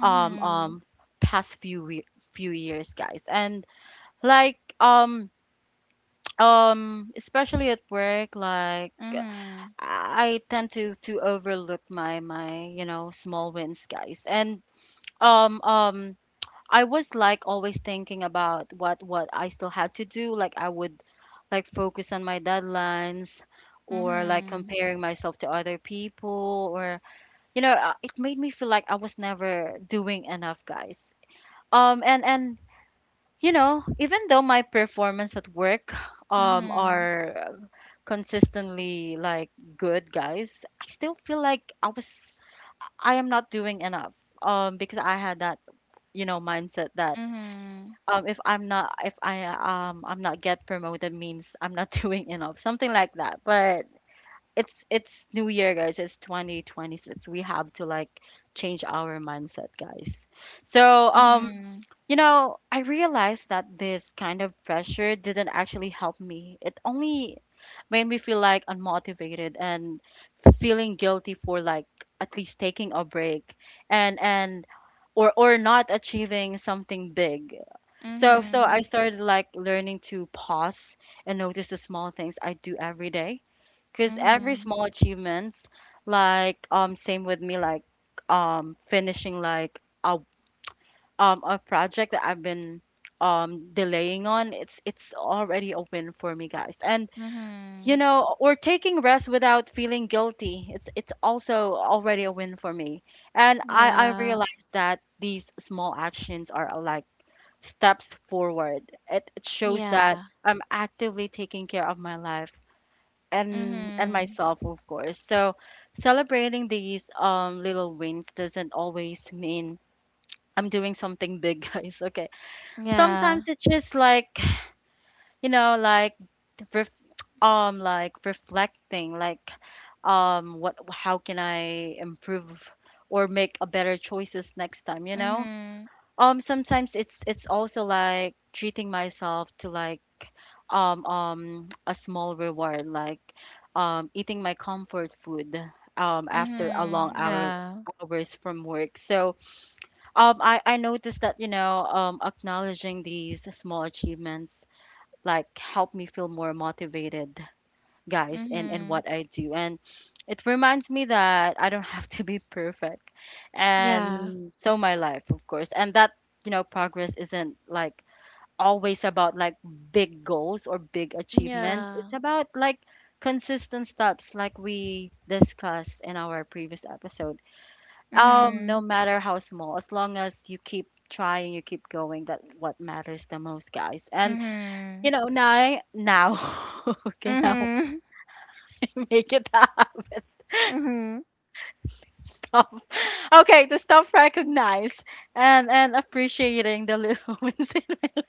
um
Mhm.
um past few few years, guys. And like especially at work, like
Mhm.
I tend to overlook my you know small wins, guys. And um um I was like always thinking about what I still had to do. Like I would like focus on my deadlines or like
Mhm.
comparing myself to other people, or you know, it made me feel like I was never doing enough, guys, and you know, even though my performance at work
Mhm.
are consistently like good, guys, I still feel like I am not doing enough. Because I had that, you know, mindset that
Mhm.
if I'm not if I I'm not get promoted means I'm not doing enough, something like that. But it's new year guys, it's 2026. We have to like change our mindset guys. So
Mhm.
I realized that this kind of pressure didn't actually help me, it only made me feel like unmotivated and feeling guilty for like at least taking a break and or not achieving something big. So
Mhm.
I started like learning to pause and notice the small things I do every day, because every
Mhm.
small achievements, like, same with me, like finishing like a project that I've been delaying on, it's already open for me guys. And
Mhm.
or taking rest without feeling guilty, it's also already a win for me. And I
Yeah.
realize that these small actions are, like, steps forward. It shows that
Yeah.
I'm actively taking care of my life and
Mhm.
myself of course. So celebrating these little wins doesn't always mean I'm doing something big guys, okay? Sometimes
Yeah.
it's just like, you know like ref- like reflecting, like what, how can I improve or make a better choices next time,
Mhm.
Sometimes it's also like treating myself to like a small reward, like eating my comfort food after a long
Mhm.
hour
Yeah.
hours from work. So I noticed that, acknowledging these small achievements like help me feel more motivated guys, in
Mhm.
what I do. And it reminds me that I don't have to be perfect
Yeah.
and so my life of course. And that, progress isn't like always about like big goals or big achievements,
Yeah.
it's about like consistent steps, like we discussed in our previous episode, no
Mhm.
matter how small. As long as you keep trying, you keep going, that what matters the most guys. And you
Mhm.
know now now okay, now
Mhm.
I make it up.
Mhm. Mhm.
Stop. Okay, to stop recognize and appreciating the little wins in life.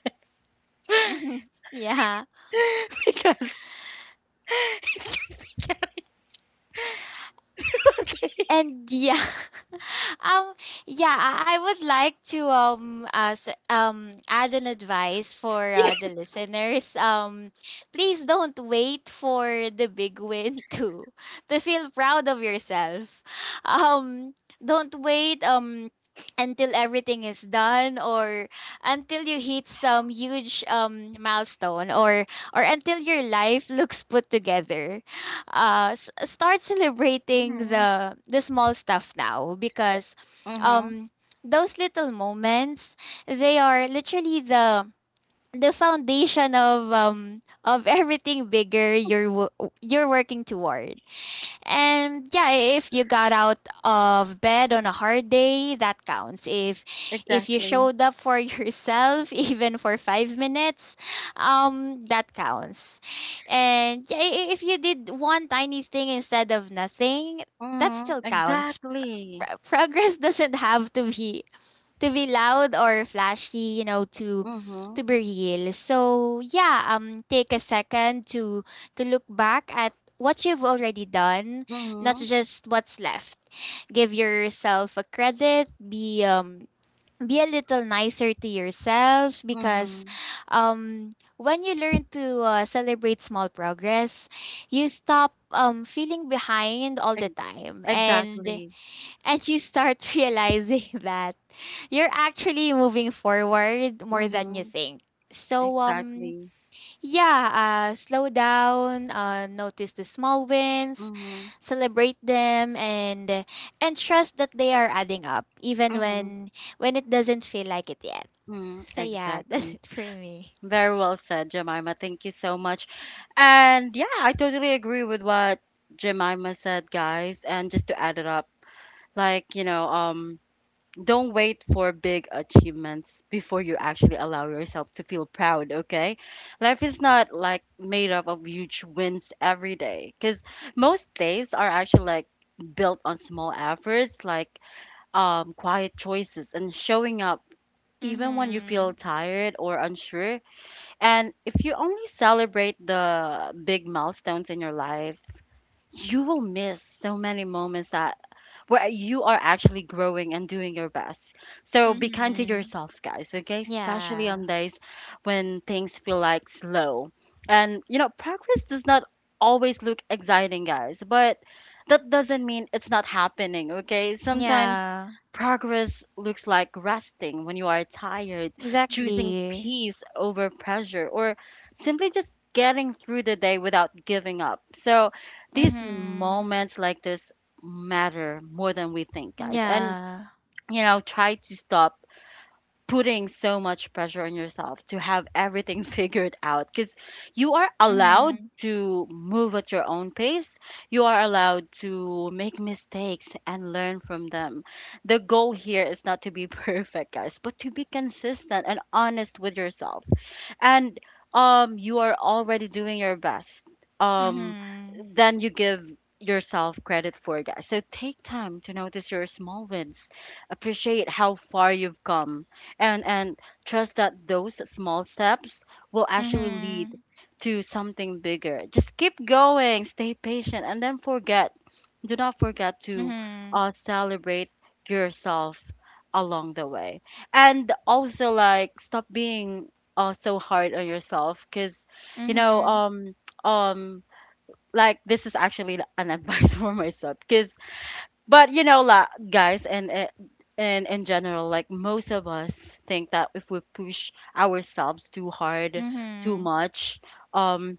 Yeah.
because okay.
And yeah, um yeah I would like to add an advice for the listeners. Please don't wait for the big win to feel proud of yourself. um don't wait until everything is done, or until you hit some huge milestone, or until your life looks put together. Start celebrating
Mm-hmm.
the small stuff now, because
Mm-hmm.
um those little moments, they are literally the foundation of everything bigger you're working toward. And yeah, if you got out of bed on a hard day, that counts. If you
Exactly.
showed up for yourself even for 5 minutes, that counts. And yeah, if you did one tiny thing instead of nothing, that
Mm-hmm.
still counts.
Exactly.
Progress doesn't have to be loud or flashy, you know, to
Mm-hmm.
to be real. So yeah, take a second to look back at what you've already done, not
Mm-hmm.
just what's left. Give yourself a credit, be a little nicer to yourself, because
Mm-hmm.
when you learn to celebrate small progress, you stop feeling behind all the
Ex-
time, and
exactly.
and you start realizing that you're actually moving forward more than you
Mm-hmm.
think. So
Exactly.
yeah, slow down, notice the small wins,
Mm-hmm.
celebrate them, and trust that they are adding up even
Mm-hmm.
when it doesn't feel like it yet.
Mm-hmm.
So yeah, that's
Exactly.
it for me.
Very well said, Jemima. Thank you so much. And yeah, I totally agree with what Jemima said, guys. And just to add it up, like, don't wait for big achievements before you actually allow yourself to feel proud, okay? Life is not like made up of huge wins every day, because most days are actually like built on small efforts, like quiet choices and showing up even when you feel
Mhm.
tired or unsure. And if you only celebrate the big milestones in your life, you will miss so many moments that where you are actually growing and doing your best. So be kind to
Mhm.
yourself, guys, okay? Especially
Yeah.
on days when things feel like slow. And you know, progress does not always look exciting, guys, but that doesn't mean it's not happening, okay? Sometimes
Yeah.
progress looks like resting when you are tired, choosing
Exactly.
peace over pressure, or simply just getting through the day without giving up. So these
Mhm.
moments like this matter more than we think, guys. And,
Yeah.
you know, try to stop putting so much pressure on yourself to have everything figured out, because you are allowed
Mhm.
to move at your own pace. You are allowed to make mistakes and learn from them. The goal here is not to be perfect, guys, but to be consistent and honest with yourself. And you are already doing your best. Um,
Mhm.
then you give yourself credit for guys. So take time to notice your small wins, appreciate how far you've come, and trust that those small steps will actually lead
Mhm.
to something bigger. Just keep going, stay patient, and then forget, do not forget to
Mhm.
celebrate yourself along the way. And also like stop being so hard on yourself, because you know
Mhm.
um um like this is actually an advice for myself. Because but you know, la, guys, and eh, and in general, like most of us think that if we push ourselves too hard, too
Mhm.
much, um,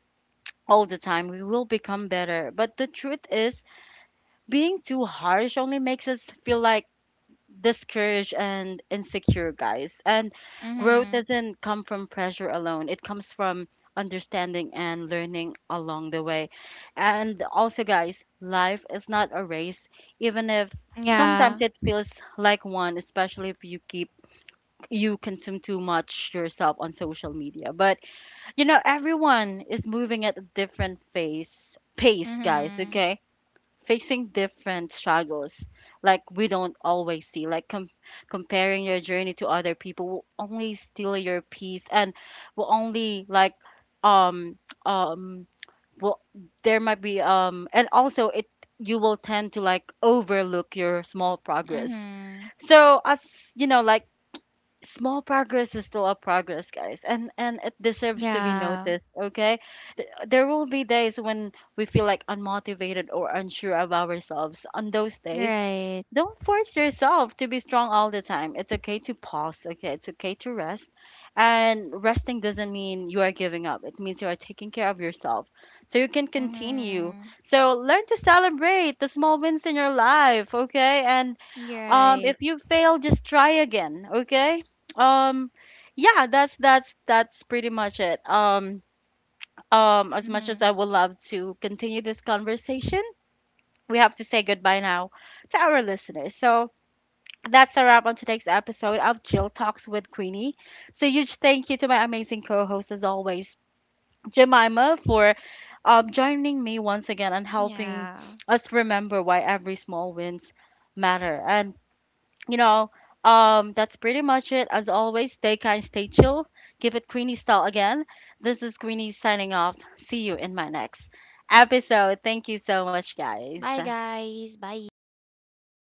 all the time, we will become better. But the truth is, being too harsh only makes us feel like discouraged and insecure, guys. And growth
Mhm.
doesn't come from pressure alone, it comes from understanding and learning along the way. And also, guys, life is not a race, even if sometimes
Yeah.
it feels like one, especially if you keep, you consume too much yourself on social media. But you know, everyone is moving at a different pace guys,
Mhm.
okay? Facing different struggles, like we don't always see, like comparing your journey to other people will only steal your peace and will only like um um well, there might be and also it, you will tend to like overlook your small progress.
Mhm.
So as you know, like small progress is still a progress guys, and it deserves to be
Yeah.
noticed, okay? There will be days when we feel like unmotivated or unsure of ourselves. On those days,
Right.
don't force yourself to be strong all the time. It's okay to pause, okay? It's okay to rest. And resting doesn't mean you are giving up, it means you are taking care of yourself so you can continue.
Mhm.
So learn to celebrate the small wins in your life, okay? And
Right.
if you fail, just try again, okay? um yeah, that's pretty much it. As much as
Mhm.
I would love to continue this conversation, we have to say goodbye now to our listeners. So that's a wrap on today's episode of Jill Talks with Queenie. So huge thank you to my amazing co-host as always, Jemima, for joining me once again and helping
Yeah.
us remember why every small wins matter. And you know, that's pretty much it. As always, stay kind, stay chill. Give it Queenie style again. This is Queenie signing off. See you in my next episode. Thank you so much, guys.
Bye, guys. Bye.